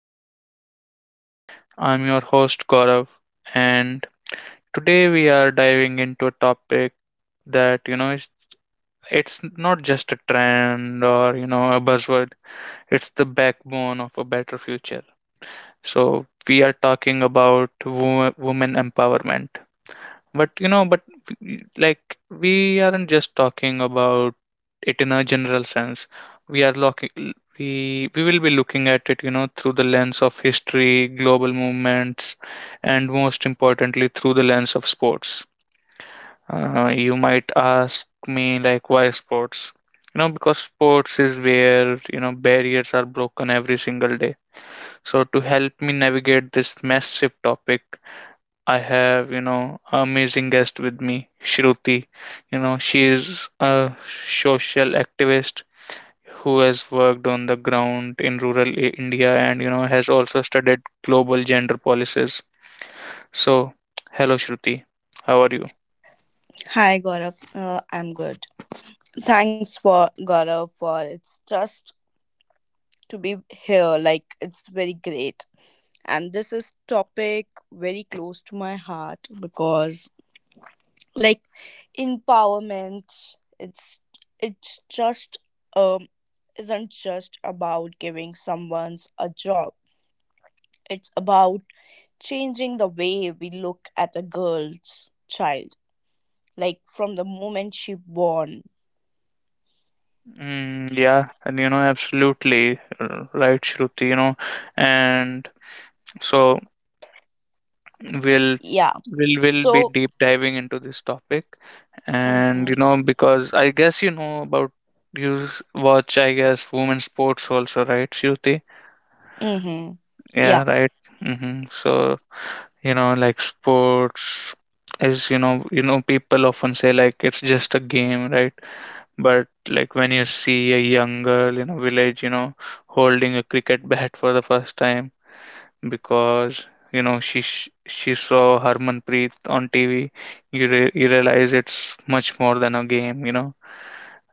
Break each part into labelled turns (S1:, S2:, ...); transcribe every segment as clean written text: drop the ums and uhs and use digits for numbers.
S1: back to the podcast. I'm your host, Gaurav, and today we are diving into a topic that, is it's not just a trend or, a buzzword. It's the backbone of a better future. So, we are talking about women empowerment. But we aren't just talking about it in a general sense. We will be looking at it, through the lens of history, global movements, and most importantly, through the lens of sports. You might ask me, like, why sports? You know, because sports is where, barriers are broken every single day. So to help me navigate this massive topic, I have, an amazing guest with me, Shruti. You know, she is a social activist who has worked on the ground in rural India and, has also studied global gender policies. So, hello, Shruti. How are you?
S2: Hi, Gaurav. I'm good. Thanks for Gaurav for it's just to be here. Like it's very great, and this is topic very close to my heart because like empowerment. It's it's just um isn't just about giving someone's a job. It's about changing the way we look at a girl's child, like from the moment she born.
S1: Mm, yeah, and you know, absolutely, right, Shruti, you know, and so. We'll
S2: Yeah.
S1: we'll will be
S2: So.
S1: deep diving into this topic. And
S2: Mm-hmm.
S1: you know, because I guess you know about, watch, I guess, women's sports also, right, Shruti?
S2: Mm-hmm.
S1: Yeah,
S2: Yeah,
S1: right. Hmm. So you know, like, sports is, you know, people often say, like, it's just a game, right? But like, when you see a young girl in a village, you know, holding a cricket bat for the first time because, you know, she saw Harmanpreet on TV. You realize it's much more than a game, you know,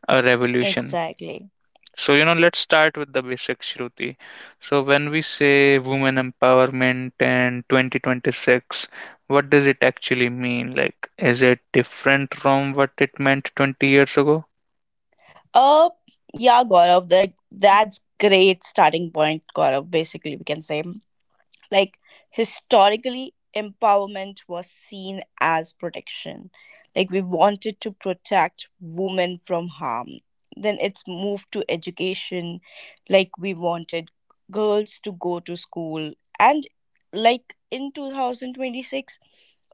S1: a revolution.
S2: exactly.
S1: So you know, let's start with the basics, Shruti. So when we say women empowerment and 2026, what does it actually mean? Like, is it different from what it meant 20 years ago?
S2: Uh, yeah, Gaurav, like that's great starting point, Gaurav, basically we can say. Like historically, empowerment was seen as protection. Like we wanted to protect women from harm. Then it's moved to education, like we wanted girls to go to school. And like in 2026,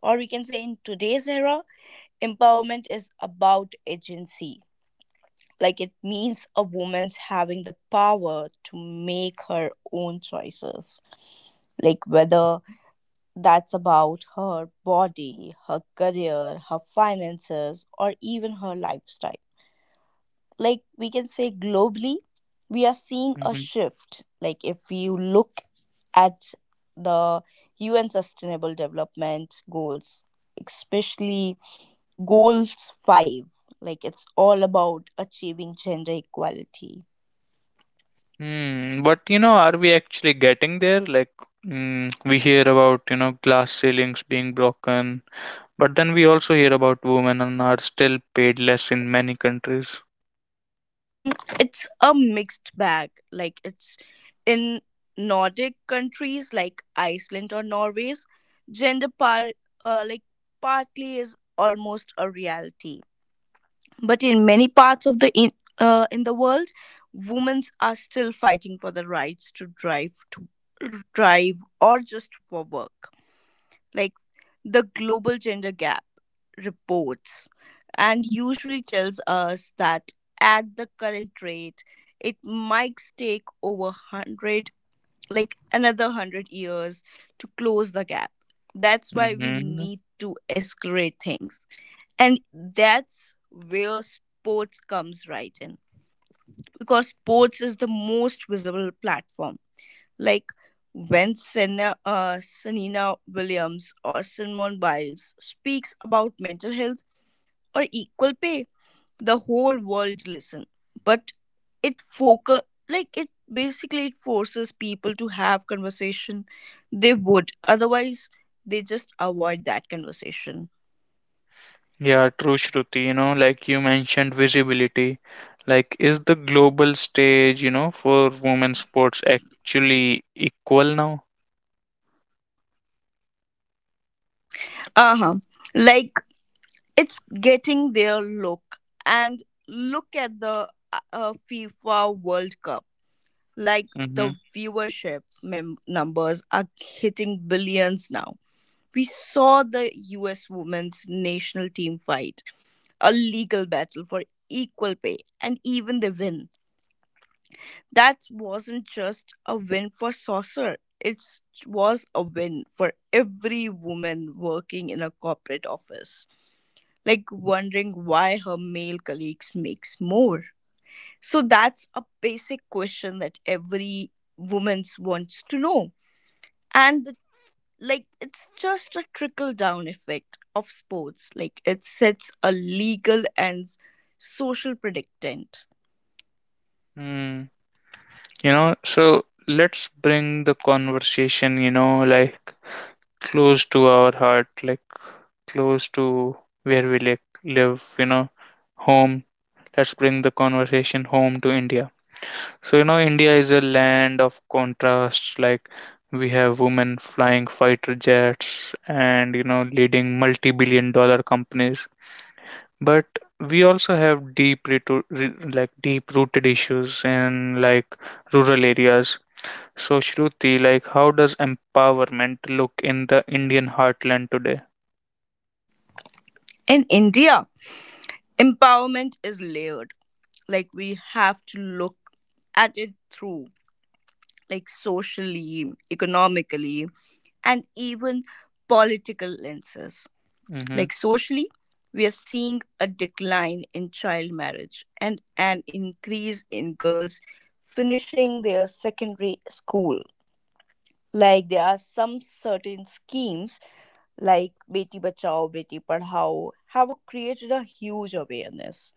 S2: or we can say in today's era, empowerment is about agency. Like it means a woman's having the power to make her own choices. Like whether that's about her body, her career, her finances, or even her lifestyle. Like we can say globally, we are seeing a
S1: Hmm.
S2: shift. Like if you look at the UN Sustainable Development Goals, especially Goals 5, like it's all about achieving gender equality.
S1: Hmm, but you know, are we actually getting there? Like, mm, we hear about, you know, glass ceilings being broken, but then we also hear about women and are still paid less in many countries.
S2: Mm, it's a mixed bag. Like it's in Nordic countries like Iceland or Norway, gender par like partly is almost a reality. But in many parts of in the world, women are still fighting for the rights to drive or just for work. Like the global gender gap reports and usually tells us that at the current rate it might take over 100, like another 100 years to close the gap. That's why we
S1: Hmm.
S2: need to escalate things, and that's where sports comes right in, because sports is the most visible platform. Like when Sanina Williams or Simone Biles speaks about mental health or equal pay, the whole world listen. But it focus, like it basically it forces people to have conversation they would otherwise, they just avoid that conversation.
S1: Yeah, true, Shruti. You know, like you mentioned, visibility. Like, is the global stage, you know, for women's sports actually equal now?
S2: Uh-huh. Like it's getting their look, and look at the FIFA world cup. Like the
S1: Mm-hmm.
S2: viewership numbers are hitting billions now. We saw the US women's national team fight a legal battle for equal pay, and even they win. That wasn't just a win for Saucer, it was a win for every woman working in a corporate office, like wondering why her male colleagues makes more. So that's a basic question that every woman wants to know. And the, like, it's just a trickle down effect of sports, like it sets a legal and social predictant.
S1: Mm. You know, so let's bring the conversation, you know, like, close to our heart, like close to where we, like, live, you know, home. Let's bring the conversation home to India. So, you know, India is a land of contrasts. Like, we have women flying fighter jets and, you know, leading multi billion-dollar companies. But we also have deep rooted issues in, like, rural areas. So, Shruti, like, how does empowerment look in the Indian heartland today?
S2: In India, empowerment is layered. Like we have to look at it through, like socially, economically, and even political lenses.
S1: Mm-hmm.
S2: Like socially, we are seeing a decline in child marriage and an increase in girls finishing their secondary school. Like there are some certain schemes like Beti Bachao, Beti Padhao have created a huge awareness.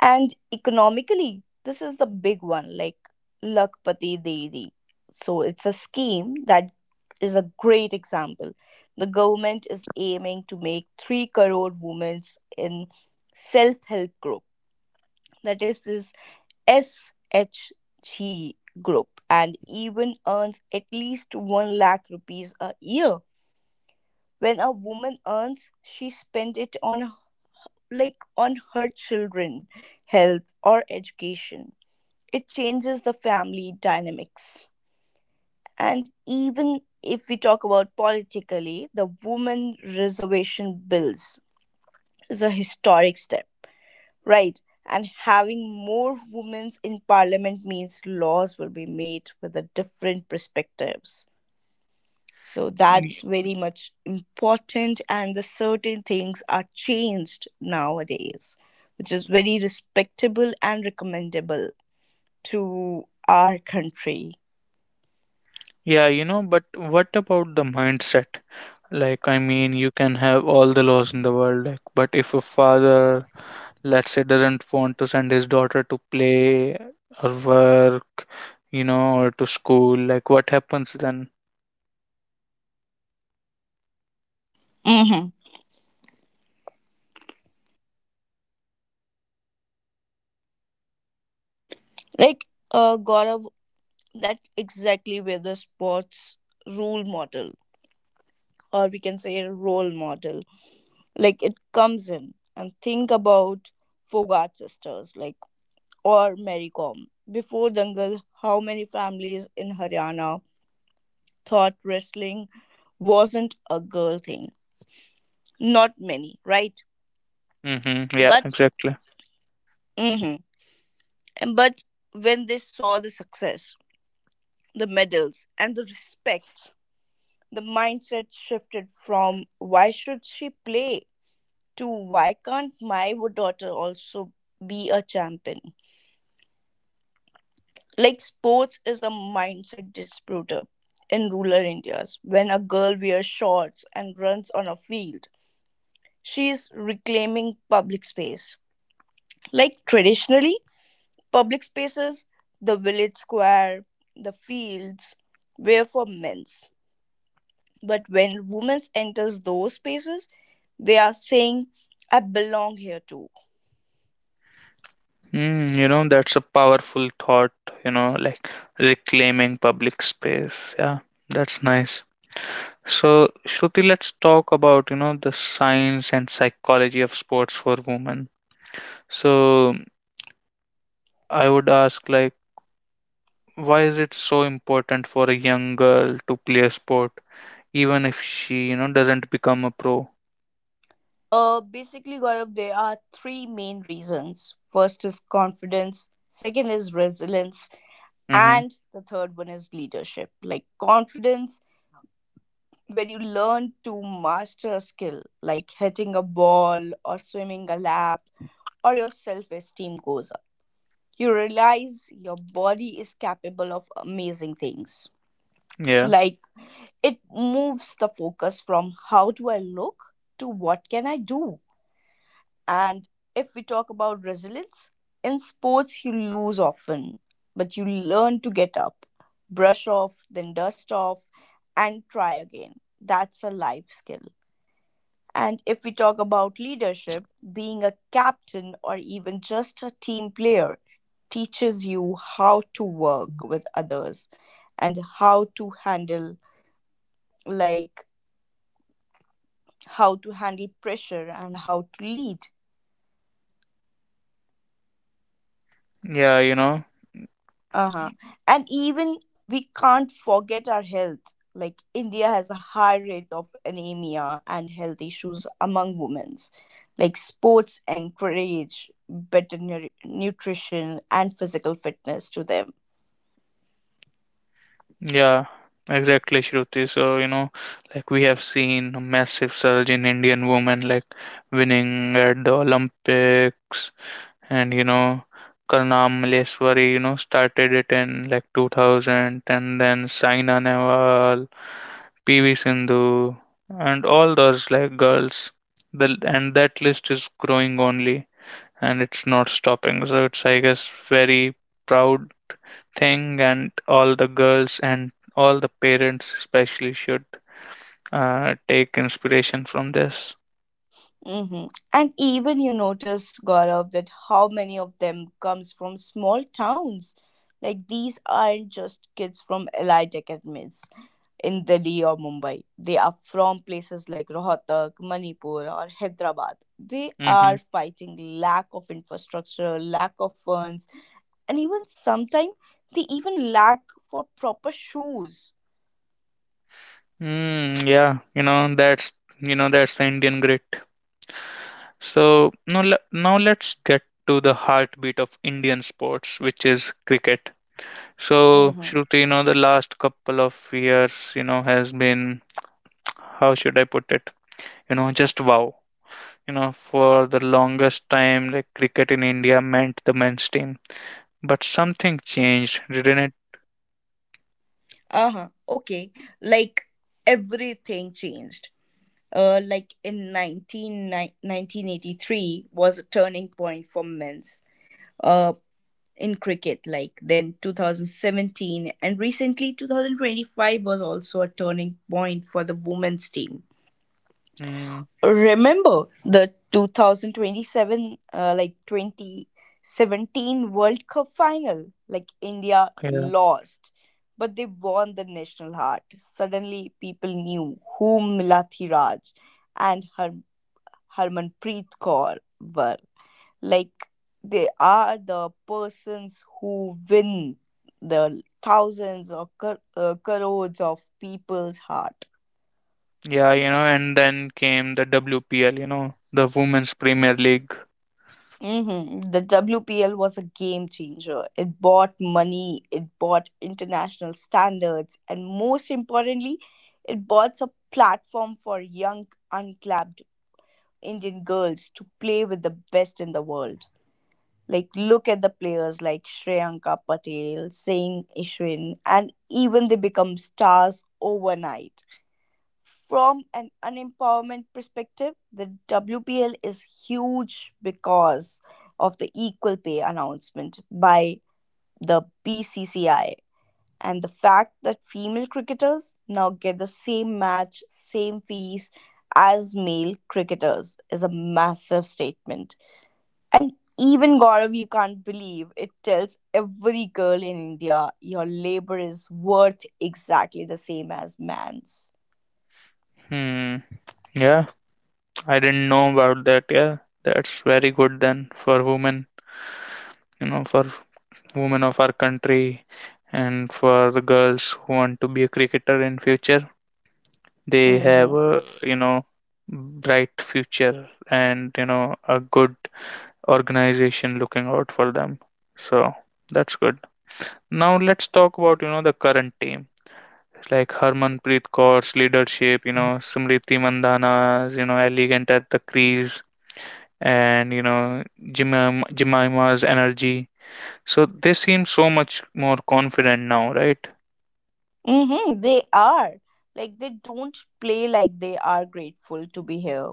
S2: And economically, this is the big one, like Lakpati Dairy. So it's a scheme that is a great example. The government is aiming to make 3 crore women in self-help group. That is this SHG group, and even earns at least 1 lakh rupees a year. When a woman earns, she spends it on, like on her children, health or education, it changes the family dynamics. And even if we talk about politically, the woman reservation bills is a historic step, right? And having more women in parliament means laws will be made with a different perspectives. So
S1: Y-
S2: that's very much important, and the certain things are changed nowadays, which is very respectable and recommendable to our country.
S1: Yeah, you know, but what about the mindset? Like, I mean, you can have all the laws in the world, like, but if a father, let's say, doesn't want to send his daughter to play or work, you know, or to school, like, what happens then?
S2: Hmm. Like Gaurav, that's exactly where the sports role model, or we can say role model, like it comes in. And think about Fogart sisters, like, or Mary Kom. Before Dangal, how many families in Haryana thought wrestling wasn't a girl thing? Not many, right?
S1: Hmm. Yeah,
S2: But
S1: exactly.
S2: Mm-hmm. But when they saw the success, the medals, and the respect, the mindset shifted from why should she play to why can't my daughter also be a champion? Like sports is a mindset disputer in rural India's. When a girl wears shorts and runs on a field, she is reclaiming public space. Like traditionally, public spaces, the village square, the fields, were for men. But when women enters those spaces, they are saying, I belong here too.
S1: Mm, you know, that's a powerful thought, you know, like, reclaiming public space, yeah. That's nice. So, Shruti, let's talk about, you know, the science and psychology of sports for women. So I would ask, like, why is it so important for a young girl to play a sport, even if she, you know, doesn't become a pro?
S2: Basically, Gaurav, there are three main reasons. First is confidence, second is resilience,
S1: Mm-hmm.
S2: and the third one is leadership. Like confidence, when you learn to master a skill, like hitting a ball or swimming a lap, or your self esteem goes up. You realize your body is capable of amazing things.
S1: Yeah.
S2: Like it moves the focus from how do I look to what can I do. And if we talk about resilience, in sports you lose often, but you learn to get up, brush off, then dust off, and try again. That's a life skill. And if we talk about leadership, being a captain or even just a team player teaches you how to work with others and how to handle, like, how to handle pressure and how to lead.
S1: Yeah, you know.
S2: Uh-huh. And even we can't forget our health. Like India has a high rate of anemia and health issues among women. Like sports encourage better nutrition and physical fitness to them.
S1: Yeah, exactly, Shruti. So you know, like, we have seen a massive surge in Indian women, like, winning at the Olympics, and you know, Karnam Malleswari, you know, started it in, like, 2000, and then Saina Nehwal, PV Sindhu, and all those, like, girls, the and that list is growing only, and it's not stopping. So it's, I guess, very proud thing, and all the girls and all the parents especially should, take inspiration from this.
S2: Hmm. And even you notice, Gaurav, that how many of them comes from small towns. Like these aren't just kids from elite academies in Delhi or Mumbai. They are from places like Rohtak, Manipur, or Hyderabad. They
S1: Mm-hmm.
S2: are fighting lack of infrastructure, lack of funds, and even sometimes they even lack for proper shoes.
S1: Mm, yeah, you know, that's, you know, that's the Indian grit. So now, now let's get to the heartbeat of Indian sports, which is cricket. So
S2: Mm-hmm.
S1: Shruti, you know, the last couple of years, you know, has been, how should I put it? You know, just wow. You know, for the longest time, like, cricket in India meant the men's team. But something changed, didn't it?
S2: Uh huh. Okay. Like everything changed. Uh, like in 19, 1983 was a turning point for men's. Uh, in cricket, like, then 2017, and recently 2025 was also a turning point for the women's team.
S1: Mm,
S2: Remember the 2027 uh, like 2017 world cup final, like india
S1: yeah.
S2: lost but they won the national heart. Suddenly people knew who Milathi Raj and Harmanpreet Kaur were, like they are the persons who win the thousands or crores of people's heart.
S1: Yeah, you know, and then came the WPL, you know, the Women's Premier League.
S2: Hmm. The WPL was a game changer. It bought money, it bought international standards, and most importantly, it bought a platform for young, unclapped Indian girls to play with the best in the world. Like, look at the players like Shreyanka Patel, Singh Ishwin, and even they become stars overnight. From an empowerment perspective, the WPL is huge because of the equal pay announcement by the BCCI, and the fact that female cricketers now get the same match, same fees as male cricketers is a massive statement. And even Gaurav, you can't believe it tells every girl in India your labor is worth exactly the same as man's.
S1: Hmm. Yeah, I didn't know about that. Yeah, that's very good then for women, you know, for women of our country and for the girls who want to be a cricketer in future. They
S2: Mm-hmm.
S1: have a, you know, bright future, and you know, a good organization looking out for them. So that's good. Now let's talk about, you know, the current team. It's like Harmanpreet Kaur's leadership, you know, Smriti Mandhana's, you know, elegant at the crease, and you know, Jemima's energy. So they seem so much more confident now, right?
S2: Mm-hmm. They are. Like they don't play like they are grateful to be here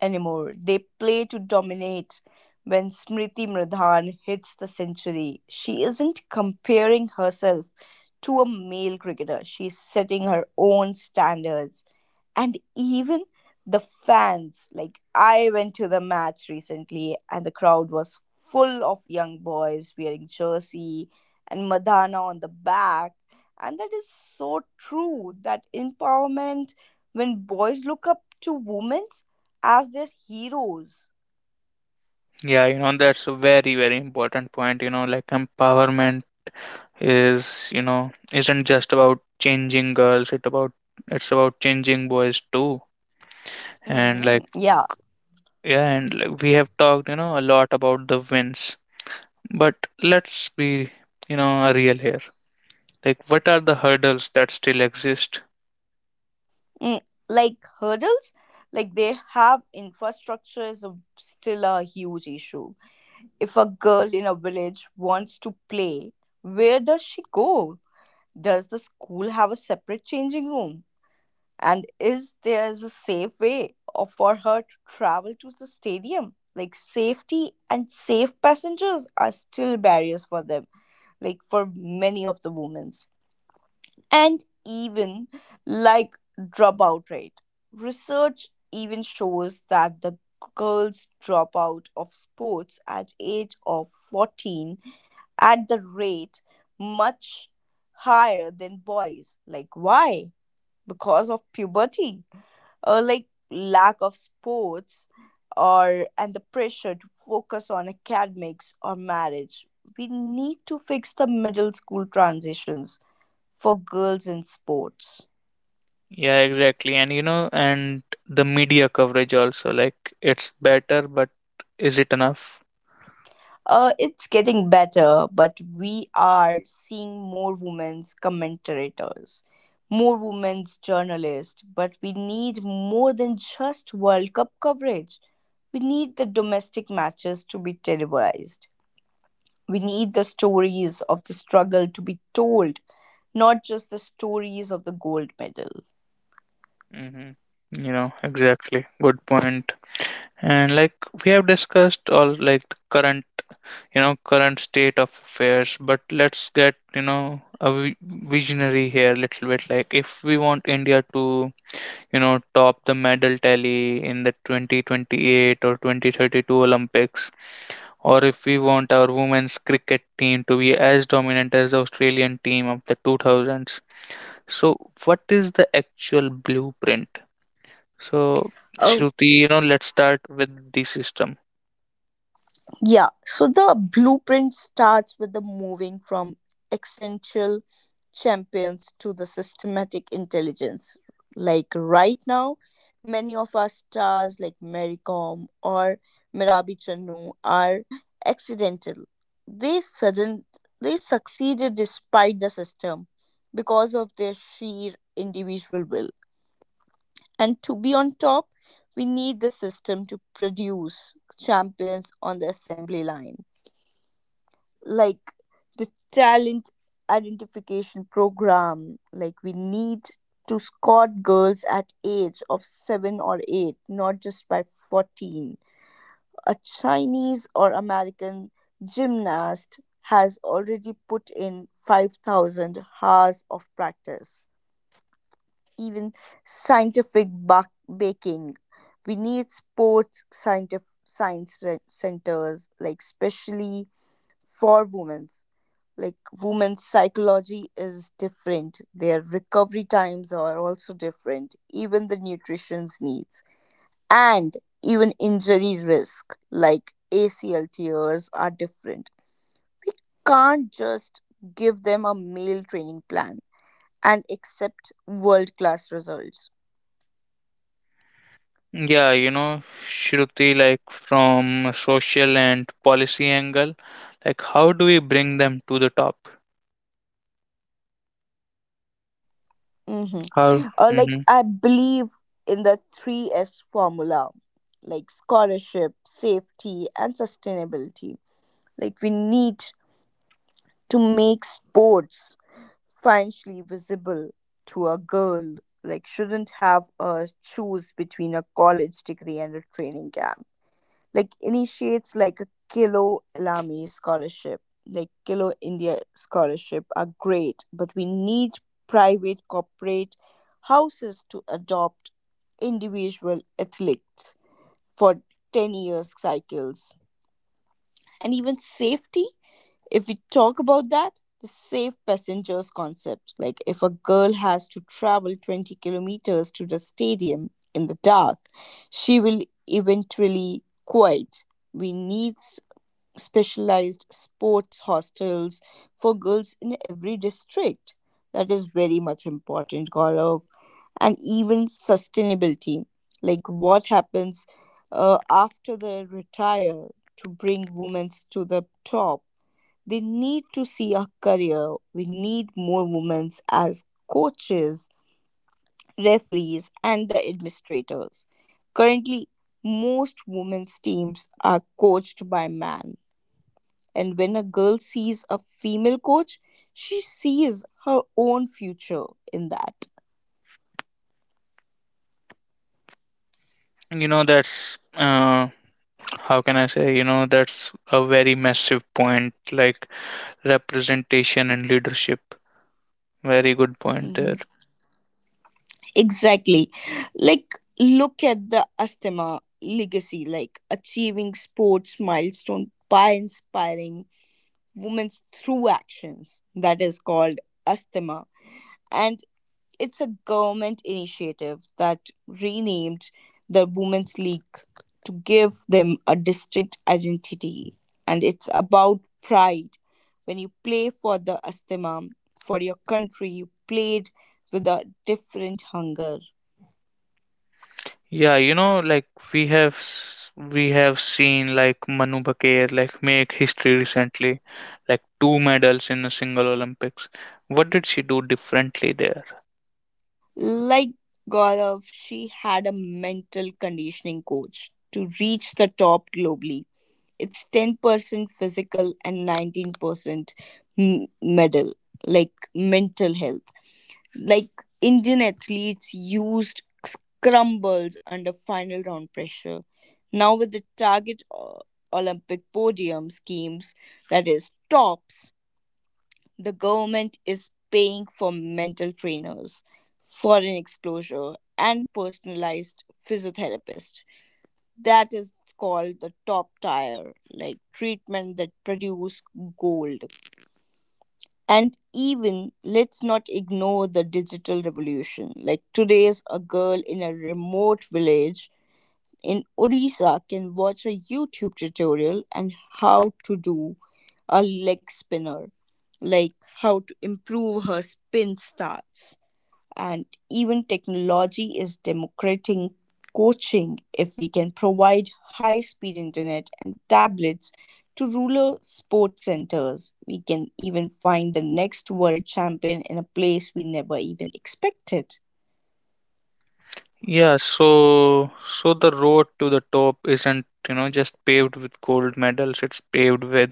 S2: anymore. They play to dominate. When Smriti Mradhan hits the century, she isn't comparing herself to a male cricketer. She's setting her own standards. And even the fans, like I went to the match recently and the crowd was full of young boys wearing jersey and madonna on the back. And that is so true, that empowerment, when boys look up to women as their heroes.
S1: Yeah, you know, that's a very, very important point. You know, like, empowerment is, you know, isn't just about changing girls. It about it's about changing boys too, and like.
S2: Hmm. Yeah.
S1: Yeah, and like, we have talked, you know, a lot about the wins, but let's be, you know, real here. Like, what are the hurdles that still exist?
S2: Mm. Like hurdles, like they have infrastructure is a, still a huge issue. If a girl in a village wants to play, where does she go? Does the school have a separate changing room? And is there is a safe for her to travel to the stadium? Like safety and safe passengers are still barriers for them, like for many of the women. And even, like, dropout rate. Research even shows that the girls drop out of sports at age of 14 at the rate much higher than boys. Like why? Because of puberty or like lack of sports or and the pressure to focus on academics or marriage. We need to fix the middle school transitions for girls in sports.
S1: Yeah, exactly. And, you know, and the media coverage also, like, it's better, but is it enough?
S2: It's getting better, but we are seeing more women's commentators, more women's journalists. But we need more than just World Cup coverage. We need the domestic matches to be televised. We need the stories of the struggle to be told, not just the stories of the gold medal.
S1: Hmm. You know, exactly. Good point. And, like, we have discussed all, like, the current, you know, current state of affairs, but let's get, you know, a visionary here a little bit. Like, if we want India to, you know, top the medal tally in the 2028 or 2032 Olympics, or if we want our women's cricket team to be as dominant as the Australian team of the 2000s. So, what is the actual blueprint? So,
S2: Um,
S1: Shruti, you know, let's start with the system.
S2: yeah, so the blueprint starts with the moving from essential champions to the systematic intelligence. Like right now, many of our stars like Mary Kom or Mirabi Channu are accidental. They sudden they succeeded despite the system because of their sheer individual will. And to be on top, we need the system to produce champions on the assembly line, like the talent identification program. Like we need to scout girls at age of 7 or 8, not just by 14. A chinese or american gymnast has already put in 5,000 hours of practice. Even scientific baking, we need sports scientific science centers, like specially for women. Like women's psychology is different, their recovery times are also different, even the nutrition's needs. And even injury risk like acl tears are different. We can't just give them a male training plan and accept world class results.
S1: Yeah, you know, Shruti, like, from a social and policy angle, like, how do we bring them to the top? How,
S2: Mm-hmm. Or like
S1: hmm.
S2: I believe in the three S formula, like scholarship, safety and sustainability. Like we need to make sports financially visible to a girl. Like shouldn't have a choose between a college degree and a training camp. Like initiates like a kilo lami scholarship, like kilo india scholarship are great, but we need private corporate houses to adopt individual athletes for 10 years cycles. And even safety, if we talk about that, the safe passengers concept. Like if a girl has to travel 20 kilometers to the stadium in the dark, she will eventually quit. We need specialized sports hostels for girls in every district. That is very much important, Gaurav. And even sustainability, like what happens after they retire. To bring women to the top, they need to see a career. We need more women as coaches, referees, and the administrators. Currently, most women's teams are coached by men. And when a girl sees a female coach, she sees her own future in that.
S1: You know, that's, how can I say, you know, that's a very massive point, like, representation and leadership. Very good point
S2: Mhm.
S1: there.
S2: Exactly. Like, look at the Astema legacy, like achieving sports milestone by inspiring Women's Through Actions, that is called ASTHMA. And it's a government initiative that renamed the Women's League to give them a distinct identity. And it's about pride. When you play for the ASTHMA, for your country, you played with a different hunger.
S1: Yeah, you know, like, we have seen like Manu Baqir, like, make history recently, like two medals in a single Olympics. What did she do differently there?
S2: Like Gaurav, she had a mental conditioning coach to reach the top globally. It's 10% physical and 19% medal, like mental health. Like Indian athletes used scrambles under final round pressure. Now, with the target Olympic podium schemes, that is, tops, the government is paying for mental trainers, foreign exposure, and personalized physiotherapists. That is called the top tier, like treatment that produce gold. And even let's not ignore the digital revolution. Like today's a girl in a remote village in Odisha can watch a YouTube tutorial on how to do a leg spinner, like how to improve her spin starts. And even technology is democrating coaching. If we can provide high speed internet and tablets to rural sports centers, we can even find the next world champion in a place we never even expected.
S1: Yeah, so, so the road to the top isn't, you know, just paved with gold medals. It's paved with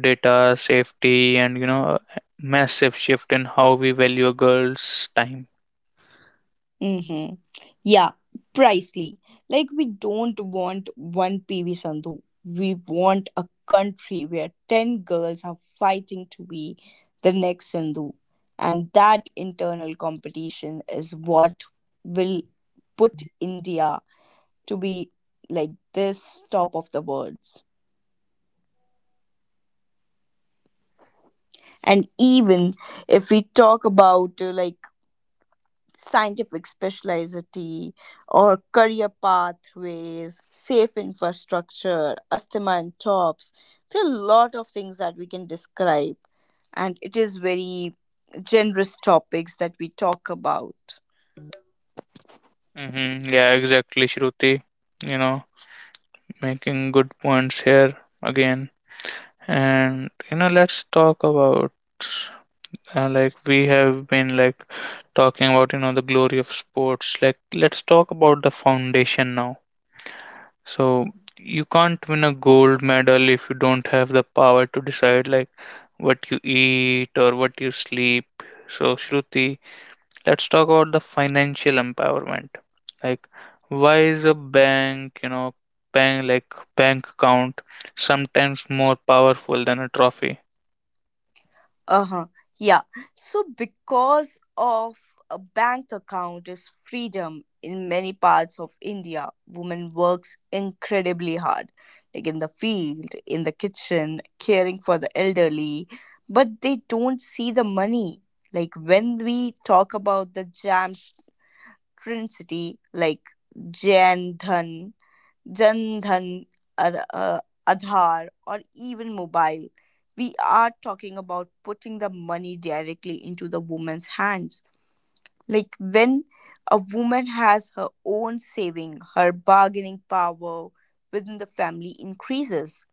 S1: data, safety, and, you know, a massive shift in how we value a girl's time.
S2: Mm-hmm. Yeah, precisely. Like we don't want one PV Sandhu. We want a country where 10 girls are fighting to be the next Sandhu. And that internal competition is what will put India to be like this top of the worlds. And even if we talk about like scientific specialty or career pathways, safe infrastructure, asthma and tops. There are a lot of things that we can describe, and it is very generous topics that we talk about.
S1: Mm-hmm. Yeah, exactly, Shruti. You know, making good points here again. And, you know, let's talk about, like, we have been, like, talking about, you know, the glory of sports. Like, let's talk about the foundation now. So you can't win a gold medal if you don't have the power to decide, like, what you eat or what you sleep. So Shruti, let's talk about the financial empowerment. Like, why is a bank, you know, bank like bank account sometimes more powerful than a trophy?
S2: Uh-huh. Yeah. So because of a bank account is freedom. In many parts of India, women works incredibly hard, like in the field, in the kitchen, caring for the elderly, but they don't see the money. Like when we talk about the jam trinity, like Jan Dhan Jan Dhan, Ar- uh, Aadhaar, or even mobile. We are talking about putting the money directly into the woman's hands. Like when a woman has her own saving, her bargaining power within the family increases.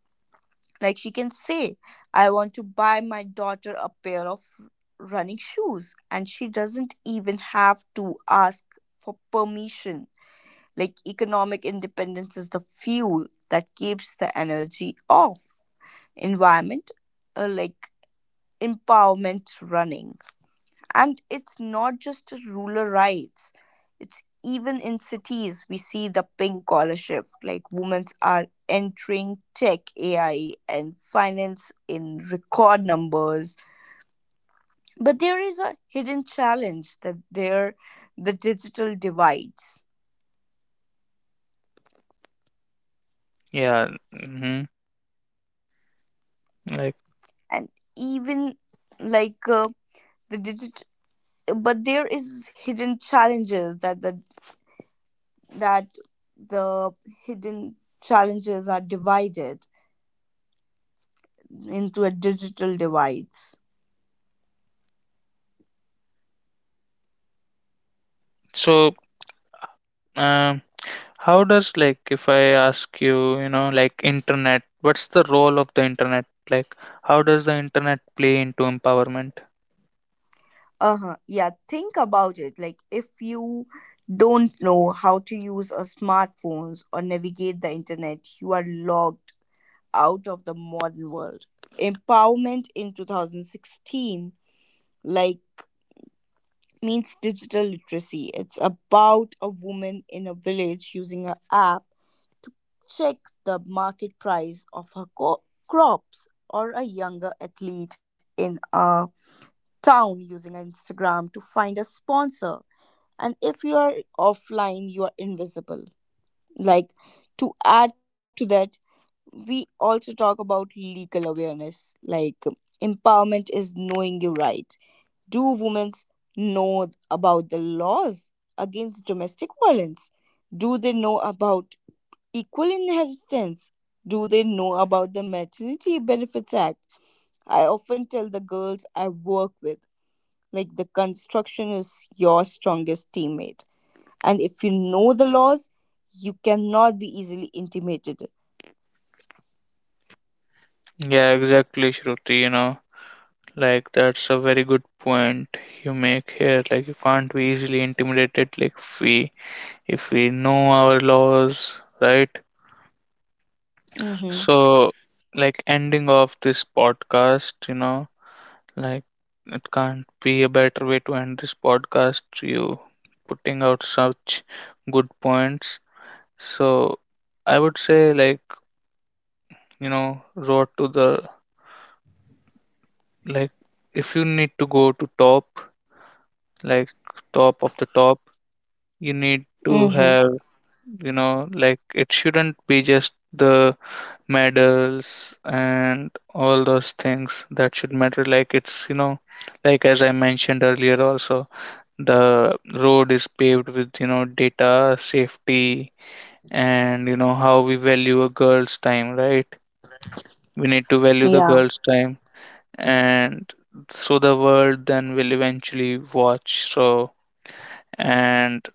S2: Like she can say, I want to buy my daughter a pair of running shoes, and she doesn't even have to ask for permission. Like economic independence is the fuel that keeps the energy off environment, like empowerment running. And it's not just rural rights, it's even in cities we see the pink collar shift. Like women are entering tech, ai and finance in record numbers, but there is a hidden challenge that there, the digital divides.
S1: Yeah, hmm, like
S2: And even like the digital, but there is hidden challenges that the hidden challenges are divided into a digital divides.
S1: so. Um, How does, like, if I ask you, you know, like, internet, what's the role of the internet? Like, how does the internet play into empowerment?
S2: Uh-huh. Yeah, think about it. Like if you don't know how to use a smartphones or navigate the internet, you are locked out of the modern world. Empowerment in 2016, like, means digital literacy. It's about a woman in a village using an app. Check the market price of her crops, or a younger athlete in a town using Instagram to find a sponsor. And if you are offline, you are invisible. Like to add to that, we also talk about legal awareness. Like empowerment is knowing your right. Do women know about the laws against domestic violence? Do they know about equal inheritance? Do they know about the Maternity Benefits Act? I often tell the girls I work with, like, the construction is your strongest teammate. And if you know the laws, you cannot be easily intimidated.
S1: Yeah, exactly, Shruti, you know. Like, that's a very good point you make here. Like, you can't be easily intimidated, like, if we know our laws, right?
S2: Mm
S1: So, like, ending off this podcast, you know, like, it can't be a better way to end this podcast. You putting out such good points. So, I would say, like, you know, road to the, like, if you need to go to top, like, top of the top, you need
S2: hmm.
S1: to
S2: Mm hmm.
S1: have, you know, like, it shouldn't be just the medals and all those things that should matter. Like, it's, you know, like, as I mentioned earlier, also, the road is paved with, you know, data, safety, and, you know, how we value a girl's time, right? We need to value the
S2: Yeah.
S1: girl's time, and so the world then will eventually watch. So, and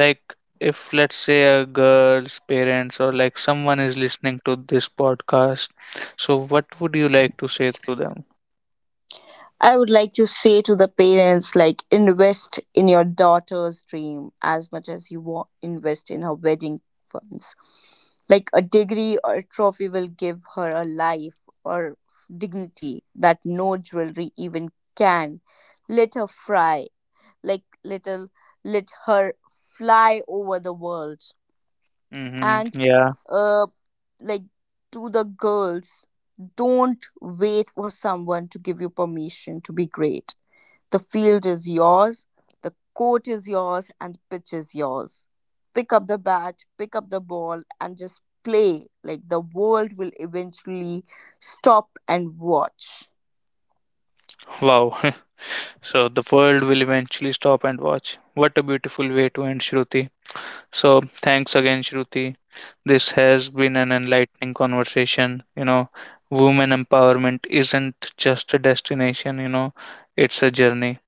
S1: like, if let's say, a girl's parents or like, someone is listening to this podcast, so what would you like to say to them?
S2: I would like to say to the parents, like, invest in your daughter's dream as much as you want, invest in her wedding funds. Like, a degree or a trophy will give her a life or dignity that no jewelry even can. Let her fry, like, little, let her fly over the world.
S1: Mm-hmm.
S2: And,
S1: Yeah.
S2: uh, like, to the girls, don't wait for someone to give you permission to be great. The field is yours, the court is yours, and the pitch is yours. Pick up the bat, pick up the ball, and just play. Like the world will eventually stop and watch.
S1: Wow. So the world will eventually stop and watch. What a beautiful way to end, Shruti. So thanks again, Shruti. This has been an enlightening conversation. You know, women empowerment isn't just a destination, you know, it's a journey.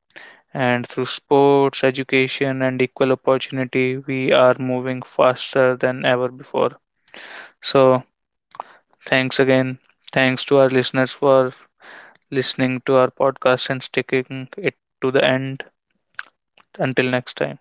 S1: And through sports, education, and equal opportunity, we are moving faster than ever before. So thanks again. Thanks to our listeners for listening to our podcast and sticking it to the end. Until next time.